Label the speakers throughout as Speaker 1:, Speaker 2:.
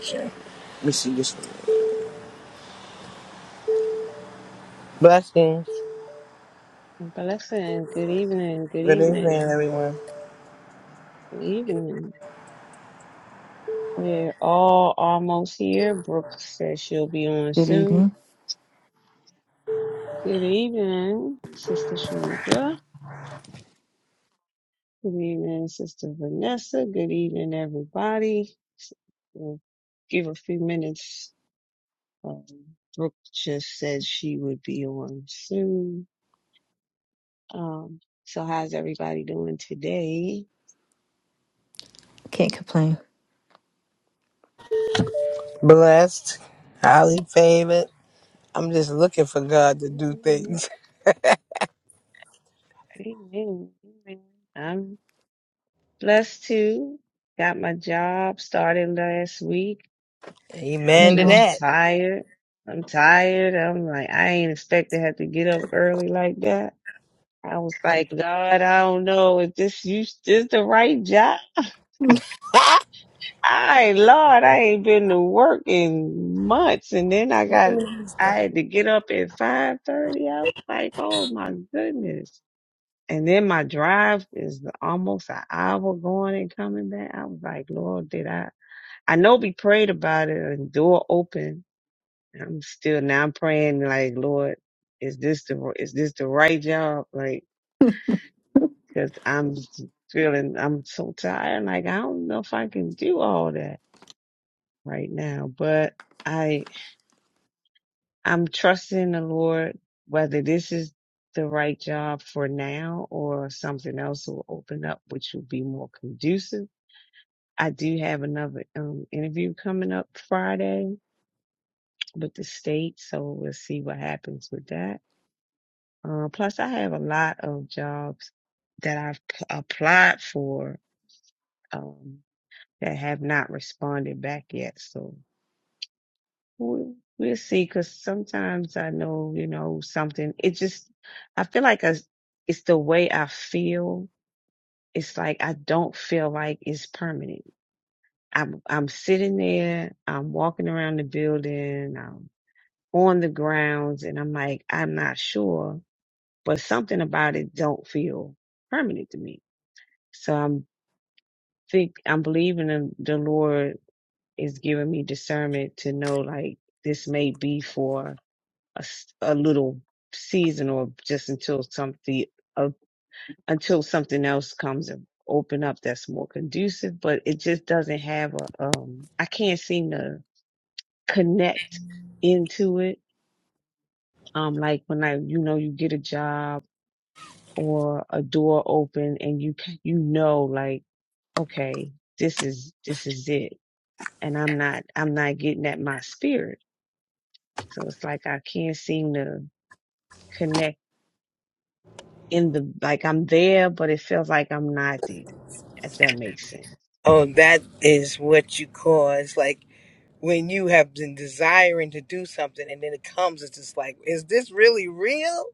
Speaker 1: Sure. Let me see this one. Blessings.
Speaker 2: Blessing. Good evening. Good
Speaker 1: Good evening,
Speaker 2: evening.
Speaker 1: everyone.
Speaker 2: Good evening. We're all almost here. Brooke says she'll be on
Speaker 3: Good
Speaker 2: soon.
Speaker 3: evening.
Speaker 2: Good evening, Sister Sharika. Good evening, Sister Vanessa. Good evening, everybody. We'll give a few minutes. Um, Brooke just said she would be on soon. Um, so how's everybody doing today?
Speaker 3: Can't complain.
Speaker 1: Blessed. Highly favored. I'm just looking for God to do
Speaker 2: Amen.
Speaker 1: things.
Speaker 2: Amen. I'm Plus two, got my job started last week. I'm
Speaker 1: Amen to
Speaker 3: Mm-hmm.
Speaker 1: that.
Speaker 2: just tired. I'm tired. I'm like, I ain't expect to have to get up early like that. I was like, God, I don't know if this you is the right job. I Lord, I ain't been to work in months, and then I got I had to get up at five thirty. I was like, oh my goodness. And then my drive is almost an hour going and coming back. I was like, Lord, did I? I know we prayed about it and door open. I'm still now I'm praying like, Lord, is this the is this the right job? Like, cause I'm feeling I'm so tired. Like I don't know if I can do all that right now, but I I'm trusting the Lord whether this is the right job for now or something else will open up which will be more conducive. I do have another um interview coming up Friday with the state. So we'll see what happens with that. Uh, plus, I have a lot of jobs that I've p- applied for um, that have not responded back yet. So we'll, we'll see. Because sometimes I know, you know, something. It just I feel like I, it's the way I feel. It's like I don't feel like it's permanent. I'm I'm sitting there. I'm walking around the building. I'm on the grounds, and I'm like, I'm not sure but something about it don't feel permanent to me. So I'm think I'm believing in the Lord is giving me discernment to know like this may be for a, s- a little season or just until something uh, until something else comes and open up that's more conducive. But it just doesn't have a um I can't seem to connect into it. Um, like when I you know you get a job or a door open and you c- you know like okay, this is this is it, and I'm not I'm not getting at my spirit. So it's like I can't seem to connect in the like I'm there, but it feels like I'm not there. If that makes sense.
Speaker 1: Oh, that is what you call it's like when you have been desiring to do something and then it comes, it's just like, is this really real?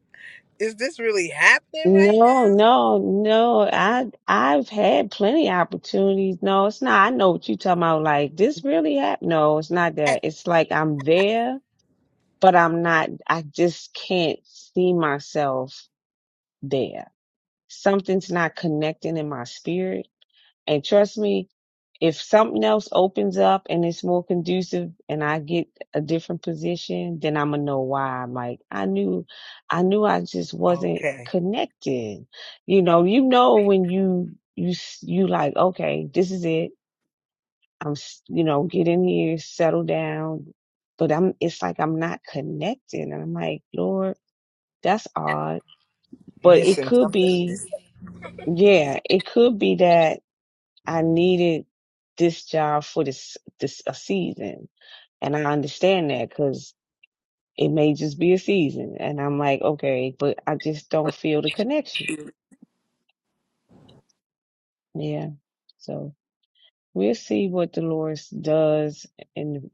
Speaker 1: Is this really happening right
Speaker 2: No, no, no. I I've had plenty of opportunities. No, it's not. I know what you're talking about. Like this really happened. No, it's not that. It's like I'm there, but I'm not. I just can't see myself there. Something's not connecting in my spirit And trust me, if something else opens up and it's more conducive and I get a different position, then I'm gonna know why. I'm like, I knew, I knew I just
Speaker 1: now?
Speaker 2: wasn't
Speaker 1: Okay.
Speaker 2: connected. You know, you know, when you, you, s- you like, okay, this is it. I'm, s- you know, get in here, settle down. But I'm, it's like I'm not connected. And I'm like, Lord, that's odd. But it
Speaker 1: Missing
Speaker 2: could
Speaker 1: something.
Speaker 2: be, yeah, it could be that I needed this job for this this a season, and I understand that because it may just be a season, and I'm like, okay, but I just don't feel the connection. Yeah, so we'll see what Dolores does in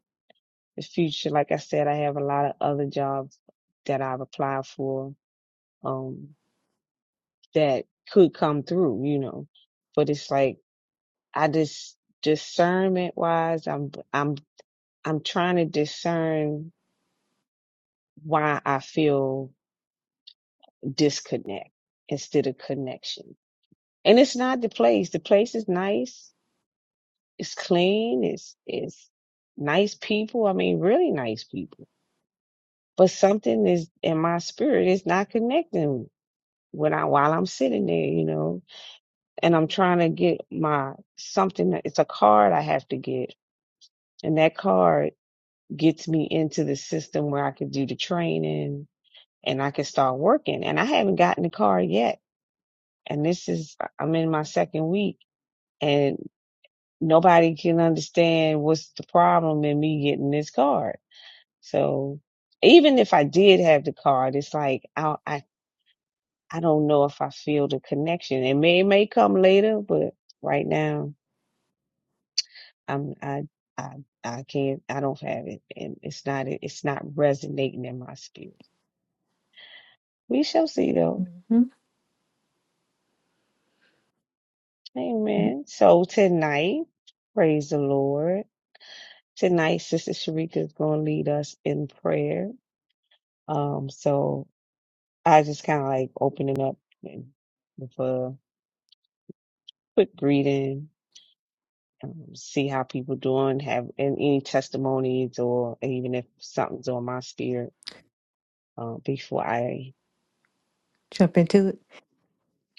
Speaker 2: the future. Like I said, I have a lot of other jobs that I've applied for um that could come through, you know, but it's like I just discernment wise, I'm I'm I'm trying to discern why I feel disconnect instead of connection. And it's not the place. The place is nice. It's clean. It's it's nice people. I mean, really nice people. But something is in my spirit is not connecting when I while I'm sitting there, you know. And I'm trying to get my something. that- It's a card I have to get, and that card gets me into the system where I could do the training and I can start working. And I haven't gotten the card yet and this is I'm in my second week and nobody can understand what's the problem in me getting this card. So even if I did have the card, it's like I I, I don't know if I feel the connection. It may it may come later, but right now I'm I I I can't I don't have it and it's not it's not resonating in my spirit. We shall see though.
Speaker 3: hmm
Speaker 2: Amen. So tonight, praise the Lord. Tonight, Sister Sharika is going to lead us in prayer. Um, so I just kind of like opening up and- with a quick greeting, um, see how people doing, have and any testimonies or even if something's on my spirit uh, before I
Speaker 3: Jump into it.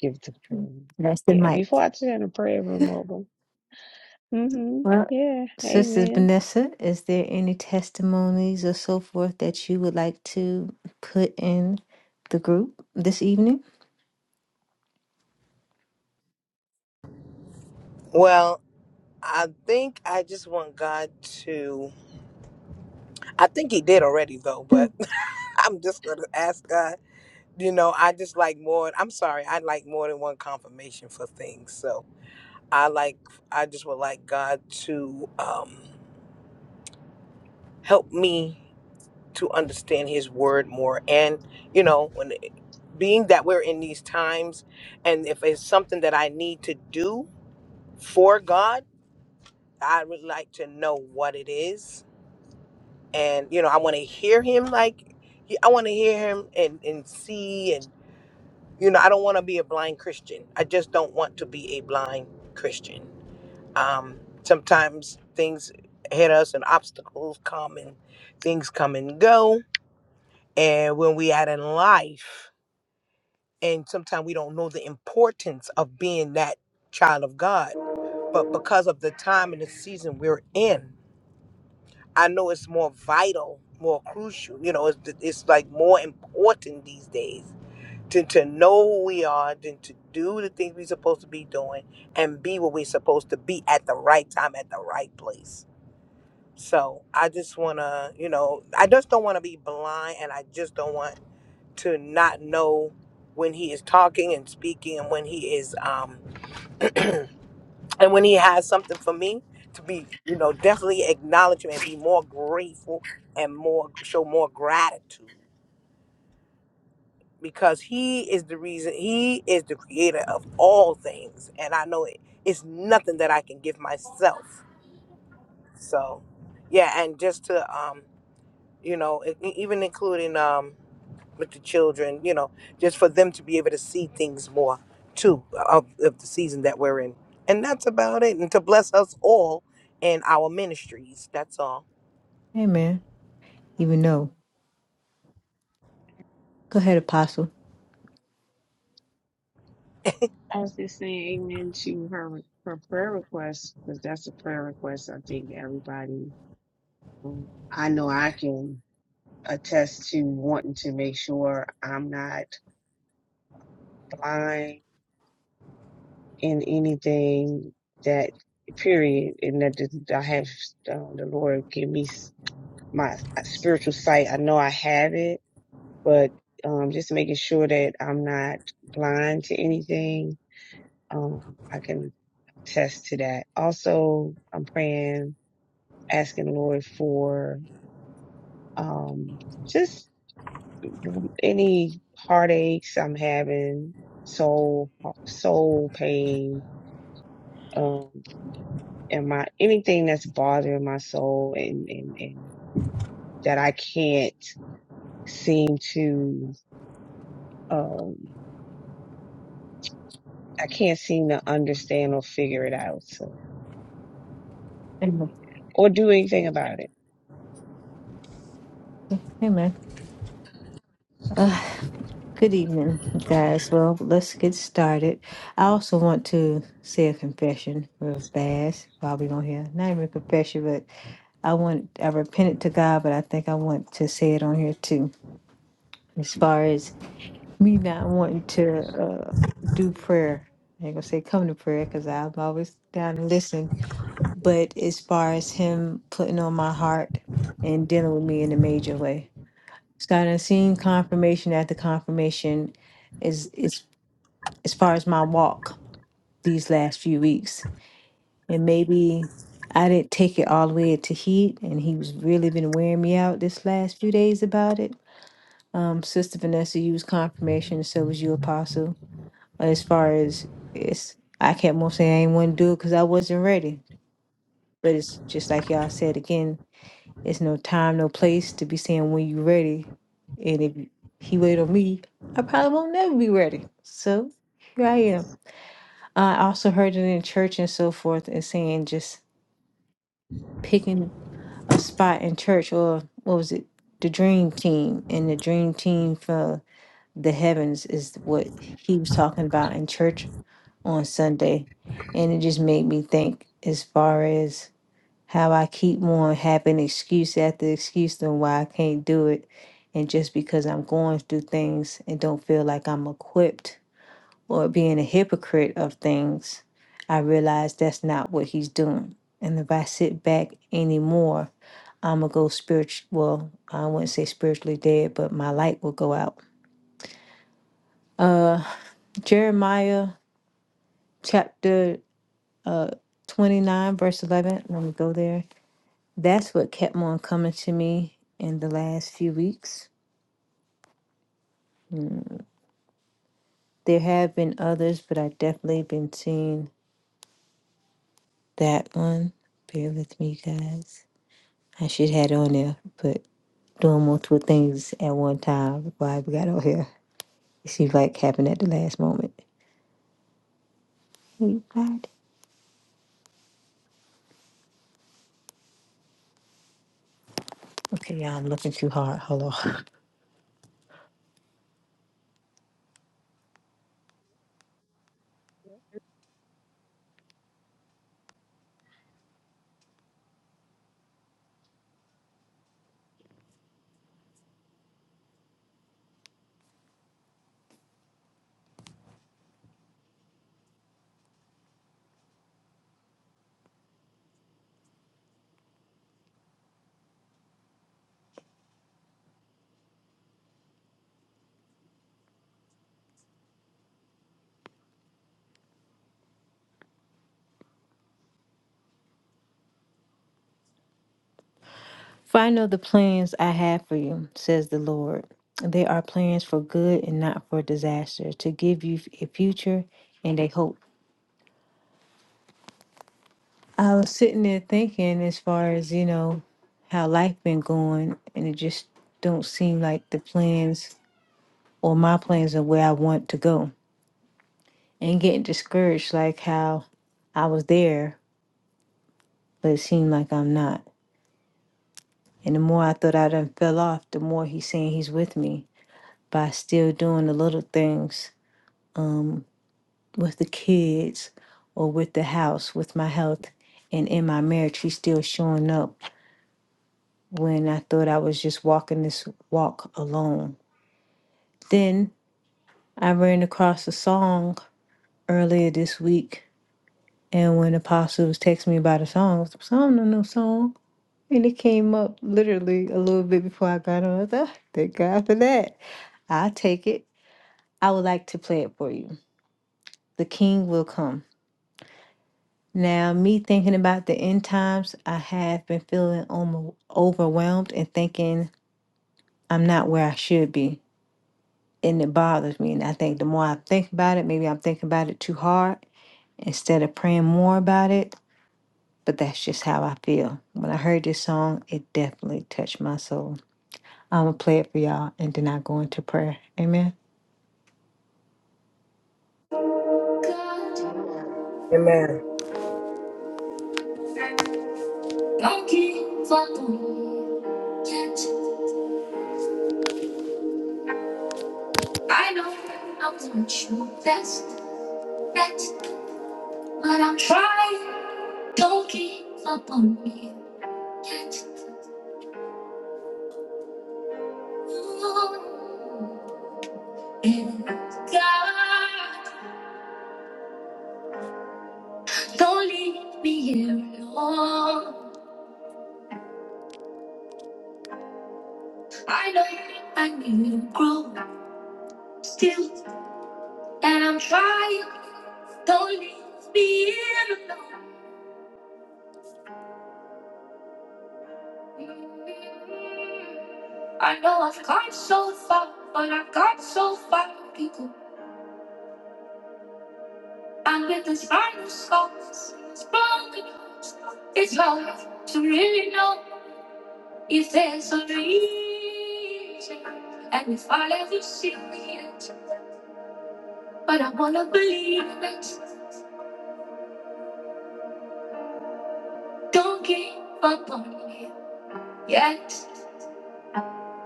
Speaker 2: give the prayer.
Speaker 3: That's the
Speaker 2: Yeah,
Speaker 3: mic.
Speaker 2: before I turn the prayer room over. hmm
Speaker 3: Well,
Speaker 2: Yeah,
Speaker 3: Sister
Speaker 2: amen.
Speaker 3: Vanessa, is there any testimonies or so forth that you would like to put in the group this evening?
Speaker 1: Well, I think I just want God to I think he did already though, but
Speaker 3: Mm.
Speaker 1: I'm just gonna ask God. You know, I just like more. I'm sorry, I like more than one confirmation for things. So I like, I just would like God to um, help me to understand His Word more. And you know, when being that we're in these times, and if it's something that I need to do for God, I would like to know what it is. And you know, I want to hear Him like. I want to hear him and, and see and you know, I don't want to be a blind Christian. I just don't want to be a blind Christian. Um, sometimes things hit us and obstacles come and things come and go. And when we out in life, and sometimes we don't know the importance of being that child of God. But because of the time and the season we're in, I know it's more vital, more crucial. You know, it's, it's like more important these days to, to know who we are, then to do the things we're supposed to be doing, and be what we're supposed to be at the right time, at the right place. So I just want to, you know, I just don't want to be blind, and I just don't want to not know when he is talking and speaking, and when he is, um, and when he has something for me to be, you know, definitely acknowledge him and be more grateful and more show more gratitude because he is the reason he is the creator of all things and i know it, it's nothing that i can give myself so yeah and just to um you know e- e- even including um with the children you know just for them to be able to see things more too of, of the season that we're in and that's about it and to bless us all in our ministries that's all
Speaker 3: Amen. Even though. Go ahead, Apostle.
Speaker 2: I was just saying amen to her her prayer request because that's a prayer request I think everybody I know I can attest to wanting to make sure I'm not blind in anything that period, and that this- I have um, the Lord give me s- my spiritual sight. I know I have it, but um, just making sure that I'm not blind to anything. Um, I can attest to that. Also, I'm praying, asking the Lord for um, just any heartaches I'm having, soul soul pain, um, and my anything that's bothering my soul and and, and that I can't seem to um I can't seem to understand or figure it out so,
Speaker 3: Amen.
Speaker 2: or do anything about it.
Speaker 3: Amen. Uh, good evening, guys. Well, let's get started. I also want to say a confession real fast while we're on here. Not even a confession, I want I repented to God, but I think I want to say it on here too. As far as me not wanting to uh, do prayer, I ain't gonna say come to prayer because I'm always down to listen. But as far as Him putting on my heart and dealing with me in a major way, so I done seen confirmation after confirmation. Is is as as far as my walk these last few weeks. and maybe I didn't take it all the way to heat, and he was really been wearing me out this last few days about it. Um, Sister Vanessa used confirmation, so was you, Apostle. As far as it's, I kept on saying I ain't want to do it because I wasn't ready. But it's just like y'all said again, it's no time, no place to be saying when you're ready. And if he wait on me, I probably won't never be ready. So here I am. I also heard it in church and so forth, and saying just picking. a spot in church or what was it the dream team and the dream team for the heavens is what he was talking about in church on sunday and it just made me think as far as how i keep on having excuse after excuse on why i can't do it and just because i'm going through things and don't feel like i'm equipped or being a hypocrite of things i realize that's not what he's doing and if i sit back anymore I'm gonna go spiritual. Well, I wouldn't say spiritually dead, but my light will go out. Uh, Jeremiah chapter uh 29 verse 11. Let me go there. That's what kept on coming to me in the last few weeks. There have been others, but I have definitely been seeing that one. Bear with me, guys. I should have had it on there, but doing multiple things at one time. Why we got on here? It seems like happened at the last moment. Okay, y'all, I'm looking too hard. Hold on. For I know the plans I have for you, says the Lord. They are plans for good and not for disaster, to give you a future and a hope. I was sitting there thinking, as far as you know, how life been going, and it just don't seem like the plans or my plans are where I want to go, and getting discouraged, like how I was there, but it seemed like I'm not. And the more I thought I done fell off, the more he's saying he's with me by still doing the little things um, with the kids or with the house, with my health, and in my marriage. He's still showing up when I thought I was just walking this walk alone. Then I ran across a song earlier this week, and when Apostle was texting me about a song, I was like, I don't know no song. And it came up literally a little bit before I got on. I thought, thank God for that. I'll take it. I would like to play it for you. The King Will Come. Now, me thinking about the end times, I have been feeling almo- overwhelmed and thinking I'm not where I should be. And it bothers me. And I think the more I think about it, maybe I'm thinking about it too hard instead of praying more about it. But that's just how I feel. When I heard this song, it definitely touched my soul. I'm going to play it for y'all and then I go into prayer. Amen. God,
Speaker 1: Amen.
Speaker 3: don't give up on me yet. I know I'm not your best bet. But I'm trying, don't give up on me. Can't you? And God, don't leave me here alone. I know I need to grow still, and I'm trying, don't leave me here alone. I know I've come so far, but I've got so far to go. And with the spinal skulls, it's broken hearts. It's hard to really know if there's a reason. And if I'll ever see it, but I wanna believe it. Don't give up on me yet.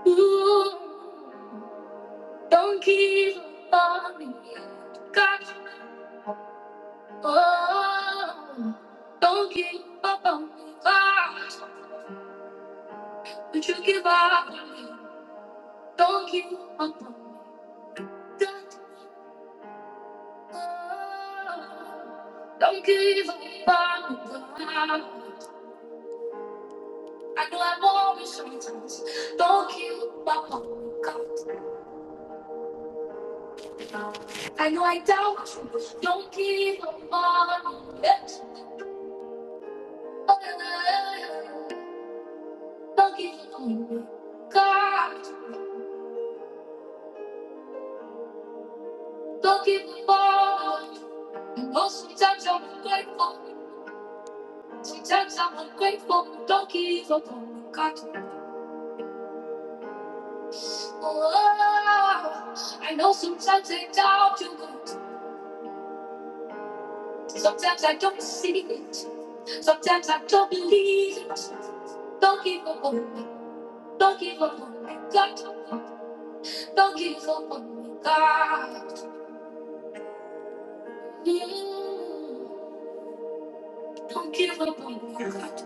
Speaker 3: Ooh, don't give up on me yet. God, oh, don't give up on me, God. Would you give up on me? Don't give up on me. Don't give up on me. I know I'm always sometimes. Don't give up on me, God. I know I doubt you. Don't give up on me. Don't give up on me, God. Don't give up on me. I know sometimes I'm ungrateful. Sometimes I'm ungrateful. Don't give up on me, God. Oh, I know sometimes I doubt you, God. Sometimes I don't see it. Sometimes I don't believe it. Don't give up on me. Don't give up on me, God. Don't give up on me, God. Mm, Don't give up on me, God.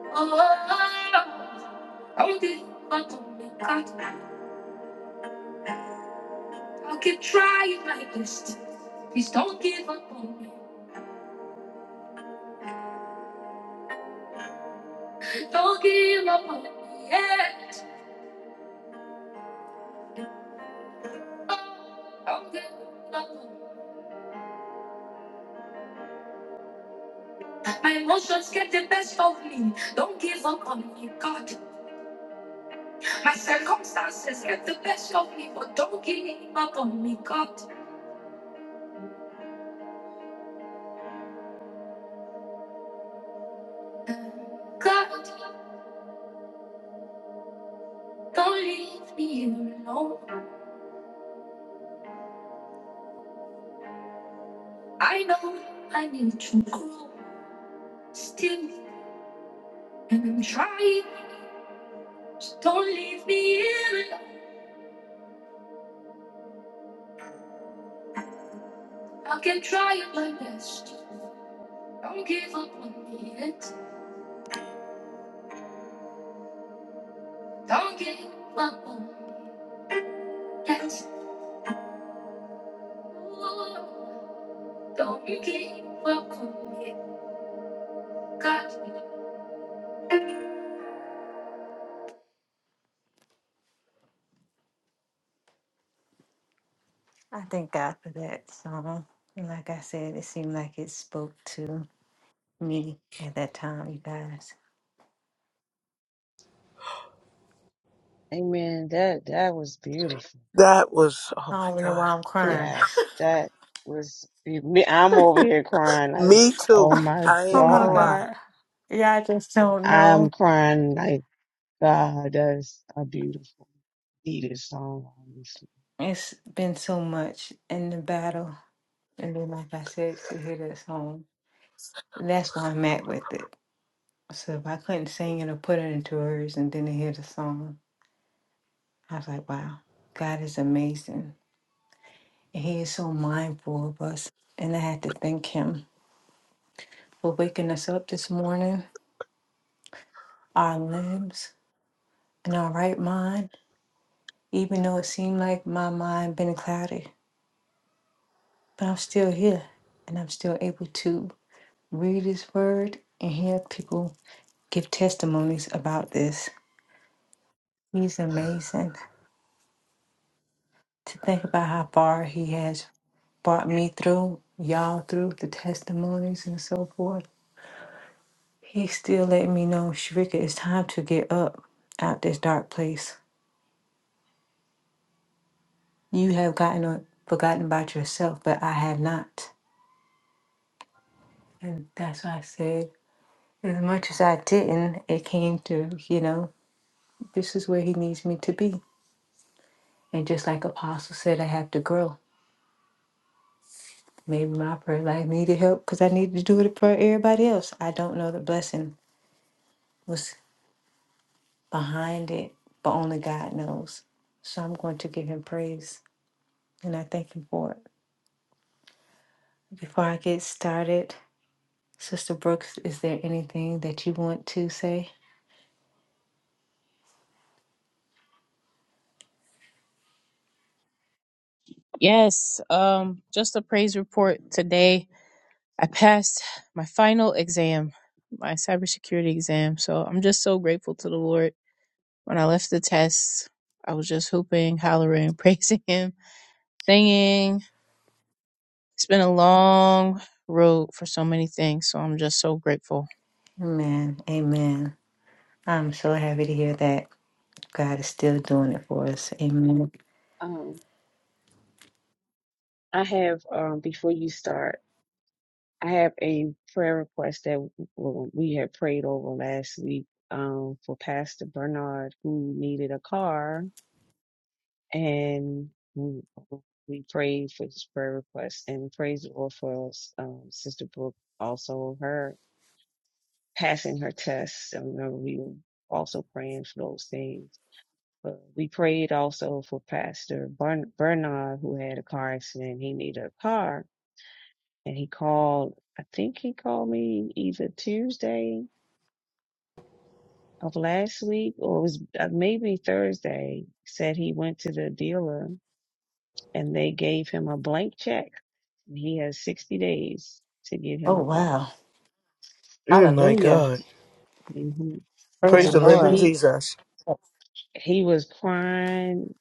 Speaker 3: Oh, don't give up on me, God. I'll keep trying my best. Please don't give up on me. Don't give up on me. Yeah. My emotions get the best of me. Don't give up on me, God. My circumstances get the best of me, but don't give up on me, God. God, don't leave me alone. I know I need to grow still, and I'm trying. So don't leave me alone. I can try my best. Don't give up on me yet. Don't give up on me yet. I thank God for that song. And Like I said, it seemed like it spoke to me at that time, you guys.
Speaker 2: Amen. That that was beautiful.
Speaker 1: That was, oh
Speaker 3: I
Speaker 1: my
Speaker 3: don't even know why
Speaker 1: God.
Speaker 3: I'm
Speaker 1: Mm.
Speaker 3: crying.
Speaker 2: Yes, that was. I'm over here crying like,
Speaker 1: Me too.
Speaker 2: oh my
Speaker 1: I
Speaker 3: Oh
Speaker 1: ain't
Speaker 3: my
Speaker 1: gonna
Speaker 2: God,
Speaker 1: lie.
Speaker 3: God. Yeah, I just don't
Speaker 2: I'm
Speaker 3: know.
Speaker 2: crying like. God, that's a beautiful, needed song, honestly.
Speaker 3: It's been so much in the battle. And then, like I said, to hear that song, that's why I'm at with it. So if I couldn't sing it or put it into words and then to hear the song, I was like, wow, God is amazing. He is so mindful of us. And I had to thank him for waking us up this morning, our limbs and our right mind, even though it seemed like my mind been cloudy. But I'm still here and I'm still able to read his word and hear people give testimonies about this. He's amazing. To think about how far he has brought me through, y'all through the testimonies and so forth. He's still letting me know, Shrika, it's time to get up out this dark place. You have gotten uh, forgotten about yourself, but I have not. And that's why I said, as much as I didn't, it came to, you know, this is where he needs me to be. And just like Apostle said, I have to grow. Maybe my prayer life needed help because I needed to do it for everybody else. I don't know the blessing was behind it, but only God knows. So I'm going to give him praise and I thank him for it. Before I get started, Sister Brooks, is there anything that you want to say?
Speaker 4: Yes, um, just a praise report today. I passed my final exam, my cybersecurity exam. So I'm just so grateful to the Lord. When I left the test, I was just hooping, hollering, praising Him, singing. It's been a long road for so many things. So I'm just so grateful.
Speaker 3: Amen. Amen. I'm so happy to hear that God is still doing it for us. Amen.
Speaker 2: Um, I have, um, before you start, I have a prayer request that w- w- we had prayed over last week, um, for Pastor Bernard, who needed a car, and we we prayed for his prayer request and praise the Lord for us, um, Sister Brooke, also her passing her test. I remember we were also praying for those things. Uh, we prayed also for Pastor Bern- Bernard, who had a car accident. He needed a car, and he called. I think he called me either Tuesday of last week, or it was uh, maybe Thursday. Said he went to the dealer, and they gave him a blank check. He has sixty days to get him
Speaker 3: Oh,
Speaker 2: a car.
Speaker 3: wow.
Speaker 1: mm. My
Speaker 3: Hallelujah.
Speaker 1: God.
Speaker 2: hmm
Speaker 3: Praise the
Speaker 1: Praise
Speaker 2: Yeah,
Speaker 1: the
Speaker 2: and
Speaker 1: living
Speaker 3: Lord.
Speaker 2: he
Speaker 1: Jesus.
Speaker 2: he was crying.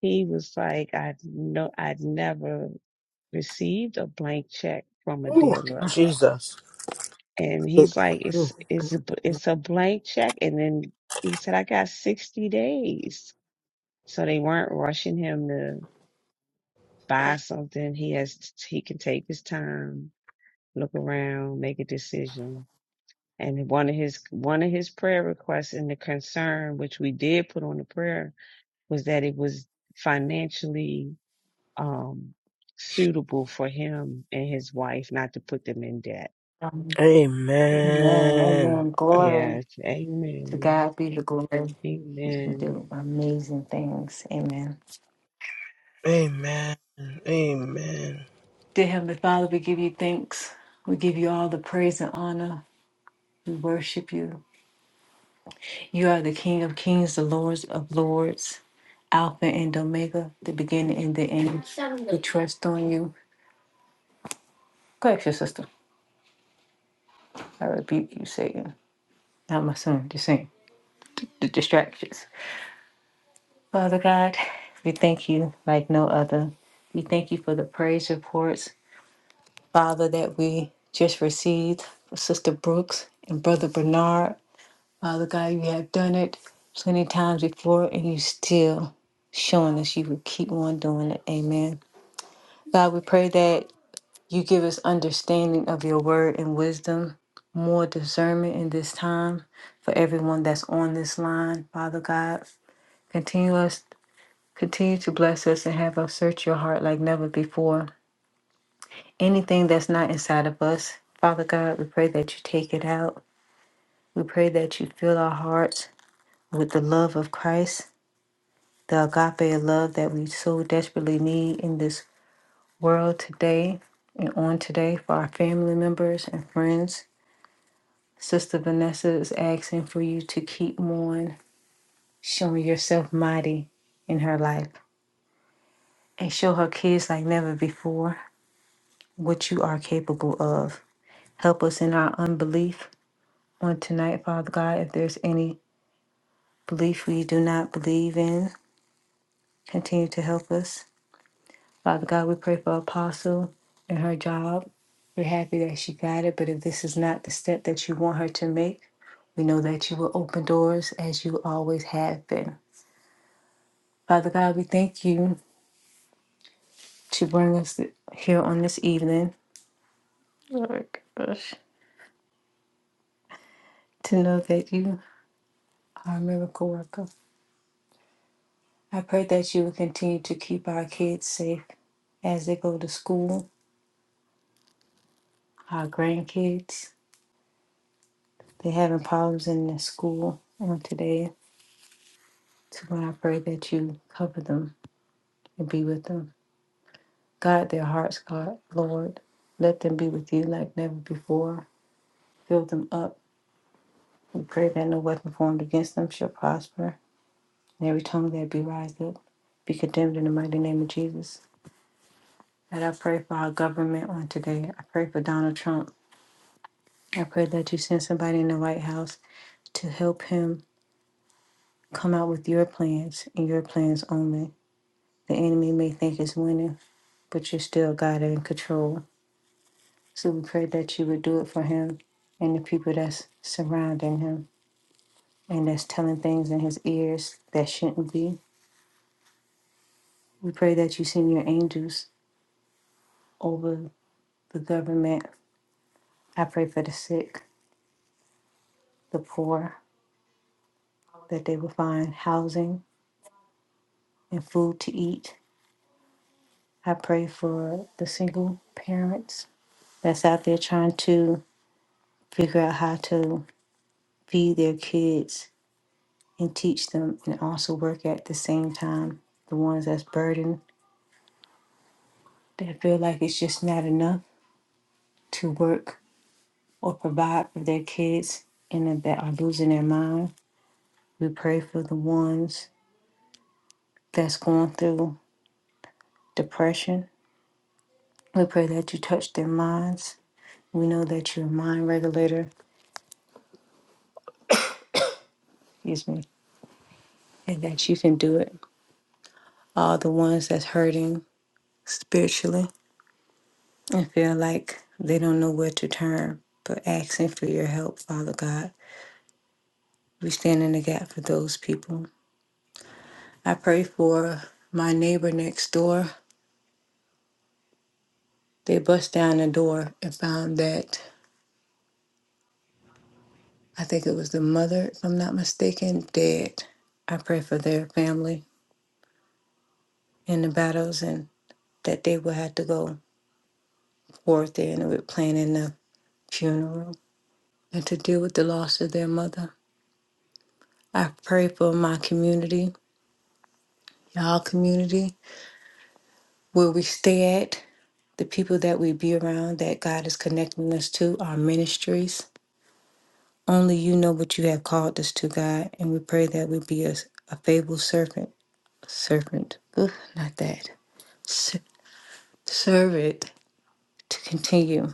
Speaker 2: He was like, "I know, I'd never." received a blank check from a
Speaker 1: Ooh,
Speaker 2: dealer
Speaker 1: Jesus.
Speaker 2: and he's like it's it's a b- it's a blank check and then he said i got 60 days so they weren't rushing him to buy something he has he can take his time look around make a decision and one of his one of his prayer requests and the concern which we did put on the prayer was that it was financially um suitable for him and his wife not to put them in debt
Speaker 3: Amen.
Speaker 1: Amen.
Speaker 3: Amen. Glory
Speaker 2: Yes.
Speaker 3: to
Speaker 2: Amen.
Speaker 3: God be the glory. He can do
Speaker 2: Amen.
Speaker 3: amazing things. Amen.
Speaker 1: Amen. Amen.
Speaker 3: Dear Heavenly Father, we give you thanks. We give you all the praise and honor. We worship you. You are the King of Kings, the Lords of Lords, Alpha and Omega, the beginning and the end. We trust on you. Go ask your sister. I repeat, you say, not my son, just saying, the distractions. Father God, we thank you like no other. We thank you for the praise reports, Father, that we just received for Sister Brooks and Brother Bernard. Father God, you have done it plenty times before, and you still showing us you will keep on doing it. Amen. God, we pray that you give us understanding of your word and wisdom, more discernment in this time for everyone that's on this line. Father God, continue us, continue to bless us and have us search your heart like never before. Anything that's not inside of us, Father God, we pray that you take it out. We pray that you fill our hearts with the love of Christ, the agape love that we so desperately need in this world today and on today for our family members and friends. Sister Vanessa is asking for you to keep on showing yourself mighty in her life and show her kids like never before what you are capable of. Help us in our unbelief on tonight, Father God. If there's any belief we do not believe in, continue to help us. Father God, we pray for Apostle and her job. We're happy that she got it, but if this is not the step that you want her to make, we know that you will open doors as you always have been. Father God, we thank you to bring us here on this evening. Oh my gosh. To know that you are a miracle worker. I pray that you will continue to keep our kids safe as they go to school, our grandkids. They're having problems in their school on today. So God, I pray that you cover them and be with them. God, their hearts, God, Lord, let them be with you like never before. Fill them up. We pray that no weapon formed against them shall prosper. and every tongue that be raised up be condemned in the mighty name of Jesus. And I pray for our government on today. I pray for Donald Trump. I pray that you send somebody in the White House to help him come out with your plans and your plans only. The enemy may think it's winning, but you're still God in control. So we pray that you would do it for him and the people that's surrounding him and that's telling things in his ears that shouldn't be. We pray that you send your angels over the government I pray for the sick, the poor, that they will find housing and food to eat. I pray for the single parents that's out there trying to figure out how to feed their kids and teach them and also work at the same time. The ones that's burdened, that feel like it's just not enough to work or provide for their kids and that are losing their mind. We pray for the ones that's going through depression We pray that you touch their minds. We know that you're a mind regulator, excuse me, and that you can do it. All the ones that's hurting spiritually and feel like they don't know where to turn, but asking for your help, Father God. We stand in the gap for those people. I pray for my neighbor next door. They bust down the door and found that I think it was the mother, if I'm not mistaken, dead. I pray for their family in the battles and that they will have to go. forth there, and we with planning the funeral and to deal with the loss of their mother. I pray for my community, our community, where we stay at, the people that we be around that God is connecting us to, our ministries. Only you know what you have called us to, God, and we pray that we be a, a faithful servant, servant, ugh, not that, S- servant to continue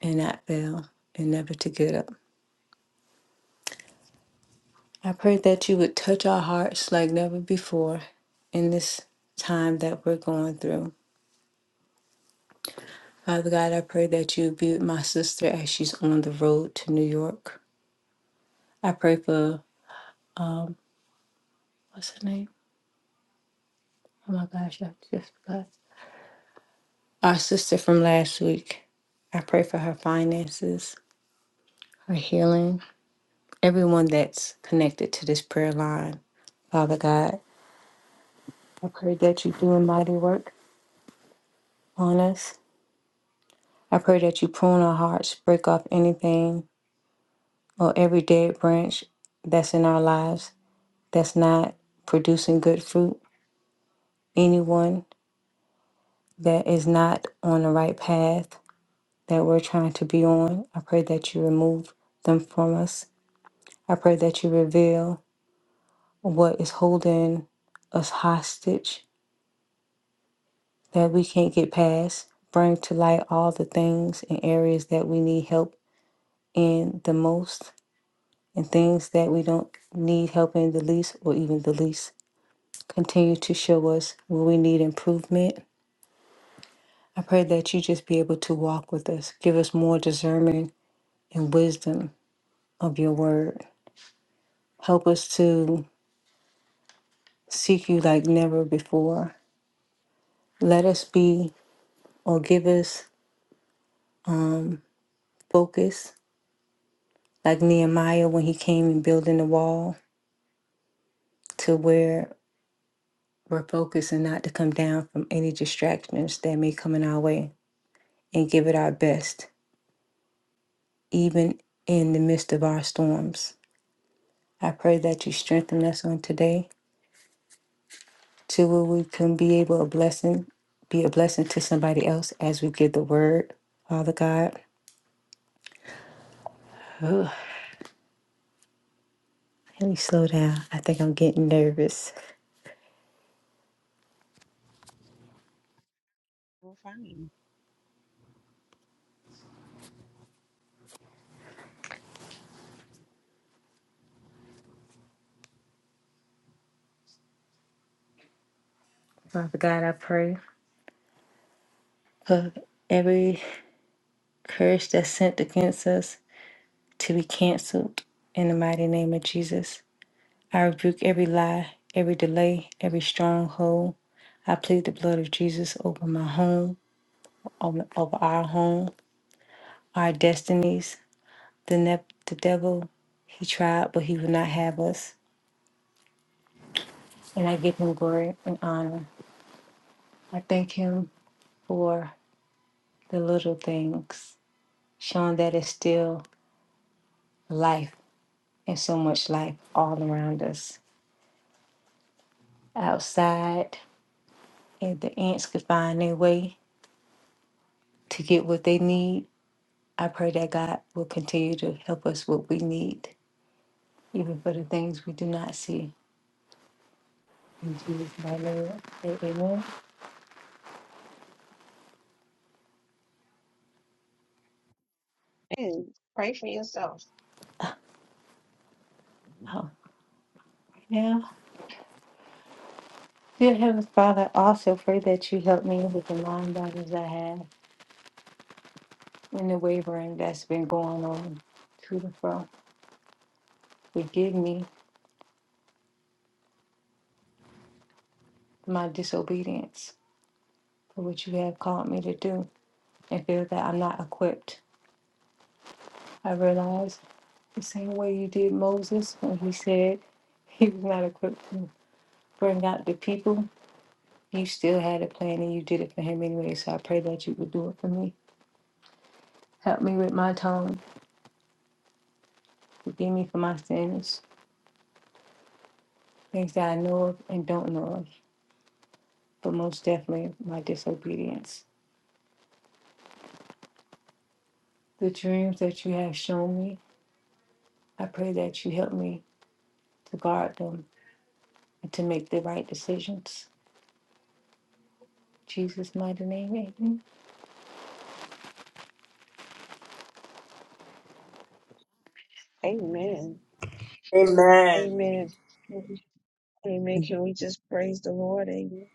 Speaker 3: and not fail and never to get up. I pray that you would touch our hearts like never before in this time that we're going through. Father God, I pray that you be with my sister as she's on the road to New York. I pray for, um, what's her name? Oh my gosh, I just forgot. Our sister from last week. I pray for her finances, her healing, everyone that's connected to this prayer line. Father God, I pray that you do a mighty work on us. I pray that you prune our hearts, break off anything or every dead branch that's in our lives that's not producing good fruit, anyone that is not on the right path that we're trying to be on, I pray that you remove them from us. I pray that you reveal what is holding us hostage that we can't get past. Bring to light all the things and areas that we need help in the most and things that we don't need help in the least or even the least. Continue to show us where we need improvement. I pray that you just be able to walk with us. Give us more discernment and wisdom of your word. Help us to seek you like never before. Let us be or give us focus like Nehemiah when he came and building the wall to where we're focused and not to come down from any distractions that may come in our way and give it our best, even in the midst of our storms. I pray that you strengthen us on today to where we can be able a blessing, be a blessing to somebody else as we give the word. Father God, oh, let me slow down. I think I'm getting nervous.
Speaker 2: We're fine.
Speaker 3: Father God, I pray for every curse that's sent against us to be canceled in the mighty name of Jesus. I rebuke every lie, every delay, every stronghold. I plead the blood of Jesus over my home, over, over our home, our destinies, The, ne- the devil, he tried, but he would not have us. And I give him glory and honor. I thank him for the little things, showing that it's still life and so much life all around us. Outside, and the ants could find their way to get what they need. I pray that God will continue to help us what we need, even for the things we do not see. In Jesus' mighty name, amen.
Speaker 2: And pray for yourself.
Speaker 3: Oh, now Dear Heavenly Father, I also pray that you help me with the mind battles I have and the wavering that's been going on to and fro. Forgive me my disobedience for what you have called me to do and feel that I'm not equipped. I realize the same way you did Moses when he said he was not equipped to bring out the people, you still had a plan and you did it for him anyway. So I pray that you would do it for me. Help me with my tongue. Forgive me for my sins, things that I know of and don't know of. but most definitely my disobedience. The dreams that you have shown me, I pray that you help me to guard them and to make the right decisions. In Jesus' mighty name, amen.
Speaker 2: Amen.
Speaker 1: Amen.
Speaker 2: Amen. Amen. Can we just praise the Lord? Amen.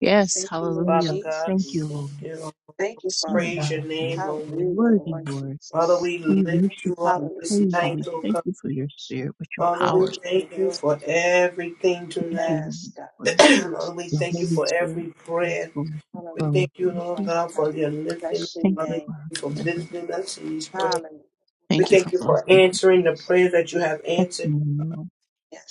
Speaker 4: Yes,
Speaker 2: Thank you, Lord
Speaker 1: Father
Speaker 4: hallelujah.
Speaker 1: God,
Speaker 4: Thank
Speaker 1: we
Speaker 4: you,
Speaker 2: Jesus.
Speaker 1: thank
Speaker 4: Lord.
Speaker 1: you.
Speaker 2: Thank you,
Speaker 4: So
Speaker 2: Father
Speaker 1: Praise
Speaker 2: God.
Speaker 1: your name,
Speaker 4: wonderful,
Speaker 1: O Lord.
Speaker 4: so
Speaker 2: Hallelujah,
Speaker 4: worthy,
Speaker 2: Lord
Speaker 4: Lord.
Speaker 1: Father,
Speaker 2: Jesus.
Speaker 1: we
Speaker 4: We
Speaker 1: lift you
Speaker 4: worship you,
Speaker 1: up
Speaker 4: we
Speaker 2: Hallelujah,
Speaker 1: this
Speaker 4: praise you,
Speaker 1: night,
Speaker 2: Father
Speaker 4: we
Speaker 1: O
Speaker 4: thank
Speaker 1: God.
Speaker 4: you for your
Speaker 2: God.
Speaker 4: spirit which
Speaker 1: Father, we
Speaker 4: empowers us.
Speaker 2: Hallelujah,
Speaker 1: thank you
Speaker 2: Lord.
Speaker 1: for everything
Speaker 4: Thank
Speaker 1: tonight.
Speaker 4: you, Lord,
Speaker 2: Yes, God.
Speaker 4: for
Speaker 2: Thank you,
Speaker 1: Lord, we
Speaker 4: the
Speaker 1: thank you
Speaker 4: Holy
Speaker 2: Jesus.
Speaker 1: for every
Speaker 4: Spirit. Thank you
Speaker 1: prayer.
Speaker 4: Lord, for the
Speaker 1: We
Speaker 2: Hallelujah,
Speaker 4: growth,
Speaker 1: thank you,
Speaker 4: Lord
Speaker 1: Lord
Speaker 4: Jesus.
Speaker 2: Father
Speaker 1: God, for
Speaker 2: God.
Speaker 1: your lifting. up.
Speaker 2: Bless your
Speaker 4: Thank
Speaker 1: Father,
Speaker 4: you
Speaker 1: thank
Speaker 2: name.
Speaker 4: for our
Speaker 1: you for
Speaker 4: humility.
Speaker 1: visiting us in these prayers.
Speaker 2: Hallelujah.
Speaker 1: We
Speaker 4: Thank you for
Speaker 1: thank you
Speaker 4: blessing
Speaker 1: for
Speaker 4: us.
Speaker 1: answering the
Speaker 2: Jesus.
Speaker 1: prayers that you have answered.
Speaker 4: Testimony, Lord.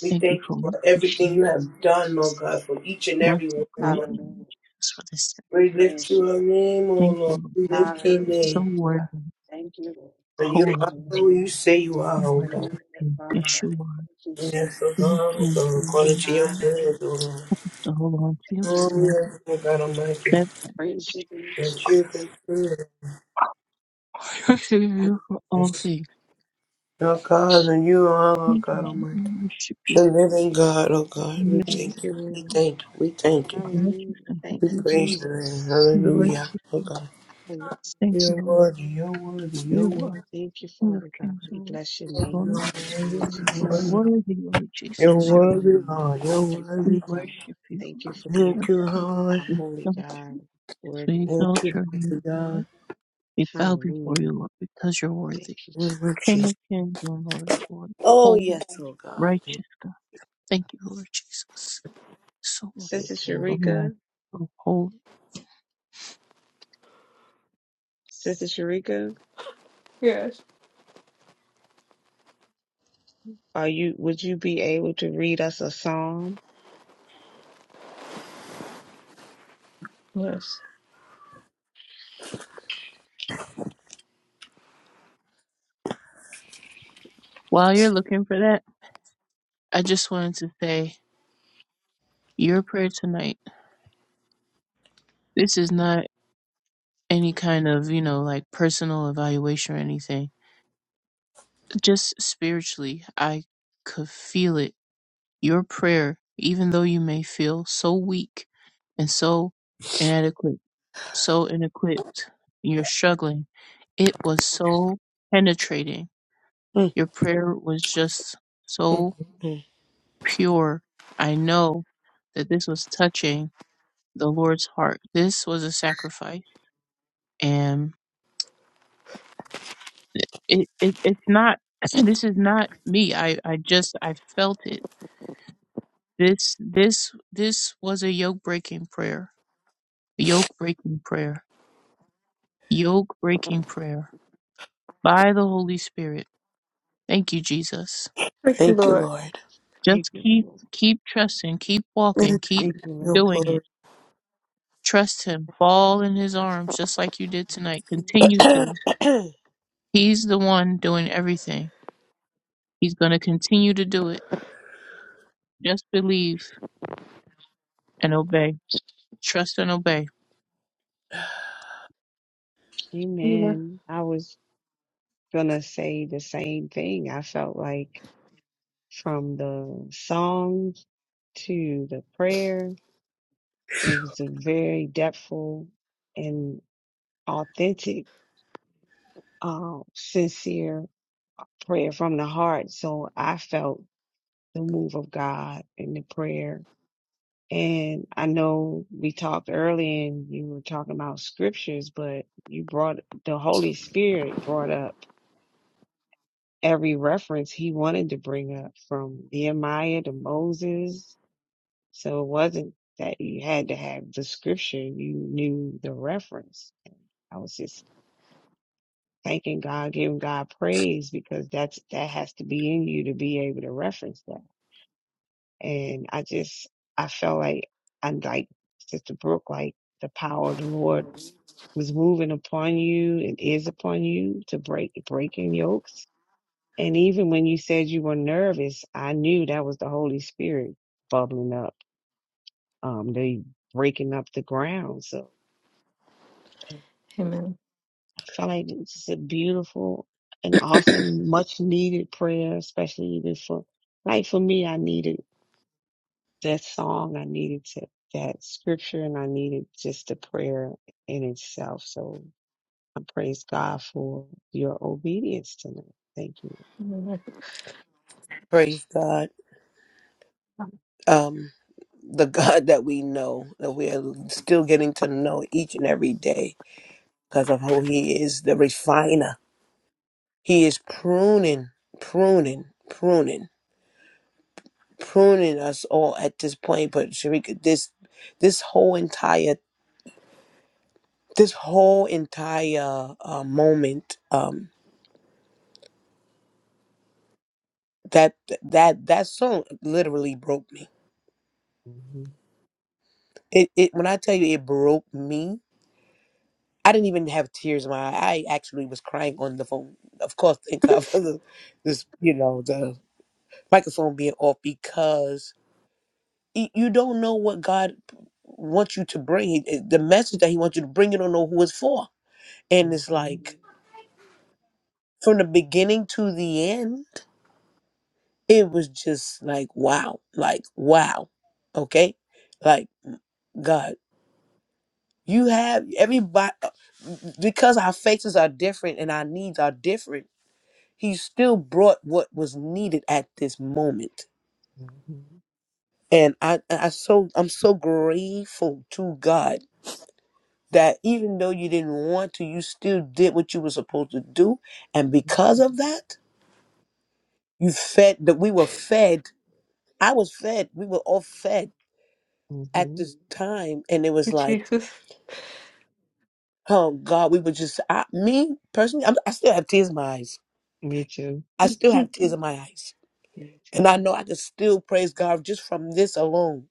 Speaker 1: We
Speaker 4: Thank you
Speaker 1: thank you
Speaker 4: for what
Speaker 1: for
Speaker 4: you
Speaker 2: Yes,
Speaker 4: share.
Speaker 1: everything
Speaker 4: with
Speaker 1: you
Speaker 2: Lord
Speaker 1: have done,
Speaker 4: us.
Speaker 1: Lord God,
Speaker 2: Jesus.
Speaker 1: for each and
Speaker 4: Bless
Speaker 1: every one
Speaker 4: you
Speaker 1: of
Speaker 4: greatly,
Speaker 1: us.
Speaker 4: Lord
Speaker 2: Hallelujah.
Speaker 4: Jesus, for this
Speaker 2: Jesus, we
Speaker 1: We
Speaker 4: sacrifice.
Speaker 1: lift
Speaker 2: praise you, God.
Speaker 1: your name, oh
Speaker 4: Thank
Speaker 1: Lord.
Speaker 4: you, Lord
Speaker 1: We lift
Speaker 4: Jesus.
Speaker 1: your
Speaker 2: Hallelujah,
Speaker 4: It's so
Speaker 1: name.
Speaker 2: Father
Speaker 4: worthy,
Speaker 2: God. Thank you, Lord.
Speaker 1: And
Speaker 2: Thank
Speaker 1: you
Speaker 2: you,
Speaker 4: holy,
Speaker 1: are
Speaker 4: Lord.
Speaker 2: Lord.
Speaker 1: who you say you
Speaker 4: We
Speaker 1: are, oh
Speaker 4: worship
Speaker 1: God.
Speaker 2: Hallelujah,
Speaker 4: you,
Speaker 2: Father God.
Speaker 4: Yeshua,
Speaker 2: Thank you,
Speaker 1: Yes, oh
Speaker 4: King
Speaker 2: Jesus.
Speaker 4: of
Speaker 1: God, oh God, according to your
Speaker 4: Kings,
Speaker 1: plans, oh
Speaker 2: Hallelujah,
Speaker 1: Lord.
Speaker 2: Lord.
Speaker 4: the whole on to
Speaker 2: Thank
Speaker 4: your
Speaker 2: you,
Speaker 1: Oh,
Speaker 2: Lord.
Speaker 4: stand.
Speaker 1: yes, oh God Almighty,
Speaker 4: That
Speaker 2: Praise your name,
Speaker 1: that you've
Speaker 2: Jesus.
Speaker 1: been
Speaker 2: Hallelujah
Speaker 1: through
Speaker 4: trust
Speaker 2: to
Speaker 4: in
Speaker 2: God.
Speaker 4: you for all
Speaker 1: this.
Speaker 4: things.
Speaker 1: Oh God, and you are, oh
Speaker 4: Thank
Speaker 1: God
Speaker 4: you. We
Speaker 1: Almighty.
Speaker 4: worship you.
Speaker 1: The living God, oh God,
Speaker 4: We
Speaker 1: we
Speaker 4: are the
Speaker 2: Thank
Speaker 1: thank
Speaker 2: you,
Speaker 1: you, we
Speaker 2: Lord.
Speaker 1: thank you, we thank you.
Speaker 4: worship
Speaker 2: Hallelujah.
Speaker 4: and
Speaker 1: We
Speaker 2: Thank
Speaker 4: holy
Speaker 2: you,
Speaker 4: Lord.
Speaker 1: praise your name,
Speaker 2: Jesus.
Speaker 4: We worship
Speaker 1: hallelujah, oh
Speaker 4: you.
Speaker 1: God.
Speaker 2: Hallelujah.
Speaker 4: Thank you,
Speaker 1: You're
Speaker 4: Lord.
Speaker 1: worthy, you're worthy, you're
Speaker 4: You
Speaker 1: worthy.
Speaker 4: are
Speaker 2: Thank you,
Speaker 4: King of
Speaker 2: Father God.
Speaker 4: Kings,
Speaker 2: We
Speaker 4: Lord.
Speaker 2: bless your
Speaker 1: You're
Speaker 4: Lord,
Speaker 2: name, Lord, Lord
Speaker 4: you are
Speaker 2: Jesus.
Speaker 4: worthy, Lord Jesus. you
Speaker 1: worthy,
Speaker 2: Hallelujah.
Speaker 1: Lord. You're
Speaker 2: Thank you,
Speaker 4: We
Speaker 2: Father
Speaker 1: worthy.
Speaker 2: God.
Speaker 4: worship you,
Speaker 2: Thank
Speaker 4: Lord
Speaker 2: you for being
Speaker 1: Thank
Speaker 4: Jesus.
Speaker 1: you, Lord.
Speaker 2: Our
Speaker 4: We
Speaker 2: holy
Speaker 4: exalt
Speaker 2: God,
Speaker 4: you.
Speaker 2: worthy
Speaker 4: We
Speaker 2: of
Speaker 1: Thank
Speaker 4: exalt
Speaker 2: God.
Speaker 1: you,
Speaker 4: your
Speaker 1: thank you,
Speaker 4: name, Lord.
Speaker 1: God.
Speaker 4: We bow before
Speaker 2: Hallelujah.
Speaker 4: you, Lord, because you're
Speaker 2: Thank
Speaker 4: worthy.
Speaker 2: you,
Speaker 1: Thank you,
Speaker 4: King
Speaker 2: Jesus.
Speaker 1: Jesus.
Speaker 4: of Kings and Lord of Lords.
Speaker 1: Oh,
Speaker 4: Holy,
Speaker 1: yes, oh, God. Thank
Speaker 4: righteous God. Thank you, Lord Jesus. So
Speaker 1: you.
Speaker 2: Sister
Speaker 4: Oh
Speaker 1: Lord.
Speaker 4: my
Speaker 2: Sharika,
Speaker 4: oh, hold
Speaker 2: Sister Sharika,
Speaker 3: Yes.
Speaker 2: are you, would you be able to read us a psalm?
Speaker 3: Yes.
Speaker 4: while you're looking for that, I just wanted to say your prayer tonight. This is not any kind of, you know, like personal evaluation or anything. Just spiritually, I could feel it. Your prayer, even though you may feel so weak and so inadequate, so inequipped, and you're struggling, it was so penetrating.
Speaker 1: Mm,
Speaker 4: Your prayer was just
Speaker 1: mm, mm.
Speaker 4: so
Speaker 1: mm.
Speaker 4: pure. I know that this was touching the Lord's heart. This was a sacrifice. And it, it it's not this is not me. I, I just I felt it. This this this was a yoke breaking prayer. Yoke breaking prayer. Yoke breaking prayer by the Holy Spirit. Thank you, Jesus.
Speaker 3: Thank you,
Speaker 1: Thank you,
Speaker 3: Lord.
Speaker 1: Lord.
Speaker 2: Thank
Speaker 4: Just
Speaker 2: you,
Speaker 4: keep
Speaker 2: Lord.
Speaker 4: keep trusting, keep walking,
Speaker 1: Thank
Speaker 4: keep
Speaker 2: Thank you,
Speaker 1: you,
Speaker 2: Lord.
Speaker 4: doing it. Trust him. Fall in his arms just like you did tonight.
Speaker 2: Mhm.
Speaker 4: Continue
Speaker 1: Lord.
Speaker 4: to. He's the one doing everything. He's going to continue to do it. Just believe and obey. Trust and obey.
Speaker 3: Amen.
Speaker 2: Amen. I was gonna say the same thing. I felt like from the songs to the prayer, it was a very depthful and authentic, uh, sincere prayer from the heart. So I felt the move of God in the prayer. And I know we talked earlier and you were talking about scriptures, but you brought the Holy Spirit brought up every reference he wanted to bring up from Nehemiah to Moses. So it wasn't that you had to have the scripture. You knew the reference. And I was just thanking God, giving God praise because that's, that has to be in you to be able to reference that. And I just, I felt like, and like Sister Brooke, like the power of the Lord was moving upon you and is upon you to break, breaking yokes. And even when you said you were nervous, I knew that was the Holy Spirit bubbling up, um, they breaking up the ground. So
Speaker 3: Amen.
Speaker 2: I felt like this is a beautiful and awesome, much needed prayer, especially even for, like for me, I needed. that song, I needed to, that scripture, and I needed just the prayer in itself. So I praise God for your obedience tonight. Thank you.
Speaker 3: Amen.
Speaker 1: Praise God. Um, the God that we know, that we are still getting to know each and every day because of who He is, the refiner. He is pruning, pruning, pruning. pruning us all at this point. But Sharika, this this whole entire this whole entire uh, moment um, that that that song literally broke me.
Speaker 2: hmm
Speaker 1: It, it when I tell you it broke me, I didn't even have tears in my eye. I actually was crying on the phone. Of course, thank God for the this you know the microphone being off because y- you don't know what God wants you to bring. He- The message that He wants you to bring, you don't know who it's for. And it's
Speaker 2: hmm
Speaker 1: like from the beginning to the end, it was just like wow, like wow, okay, like God, you have everybody because our faces are different and our needs are different. He still brought what was needed at this moment,
Speaker 2: hmm
Speaker 1: and I, I so I'm so grateful to God that even though you didn't want to, you still did what you were supposed to do, and because of that, you fed that we were fed. I was fed. We were all fed
Speaker 2: hmm
Speaker 1: at
Speaker 2: hmm
Speaker 1: this time, and it was
Speaker 3: Thank you,
Speaker 1: like,
Speaker 3: Jesus.
Speaker 1: oh God, we were just I, me personally. I'm, I still have tears in my eyes.
Speaker 2: Me too.
Speaker 1: I
Speaker 2: Me
Speaker 1: still have tears in my eyes, and I
Speaker 2: too.
Speaker 1: know I can still praise God just from this alone.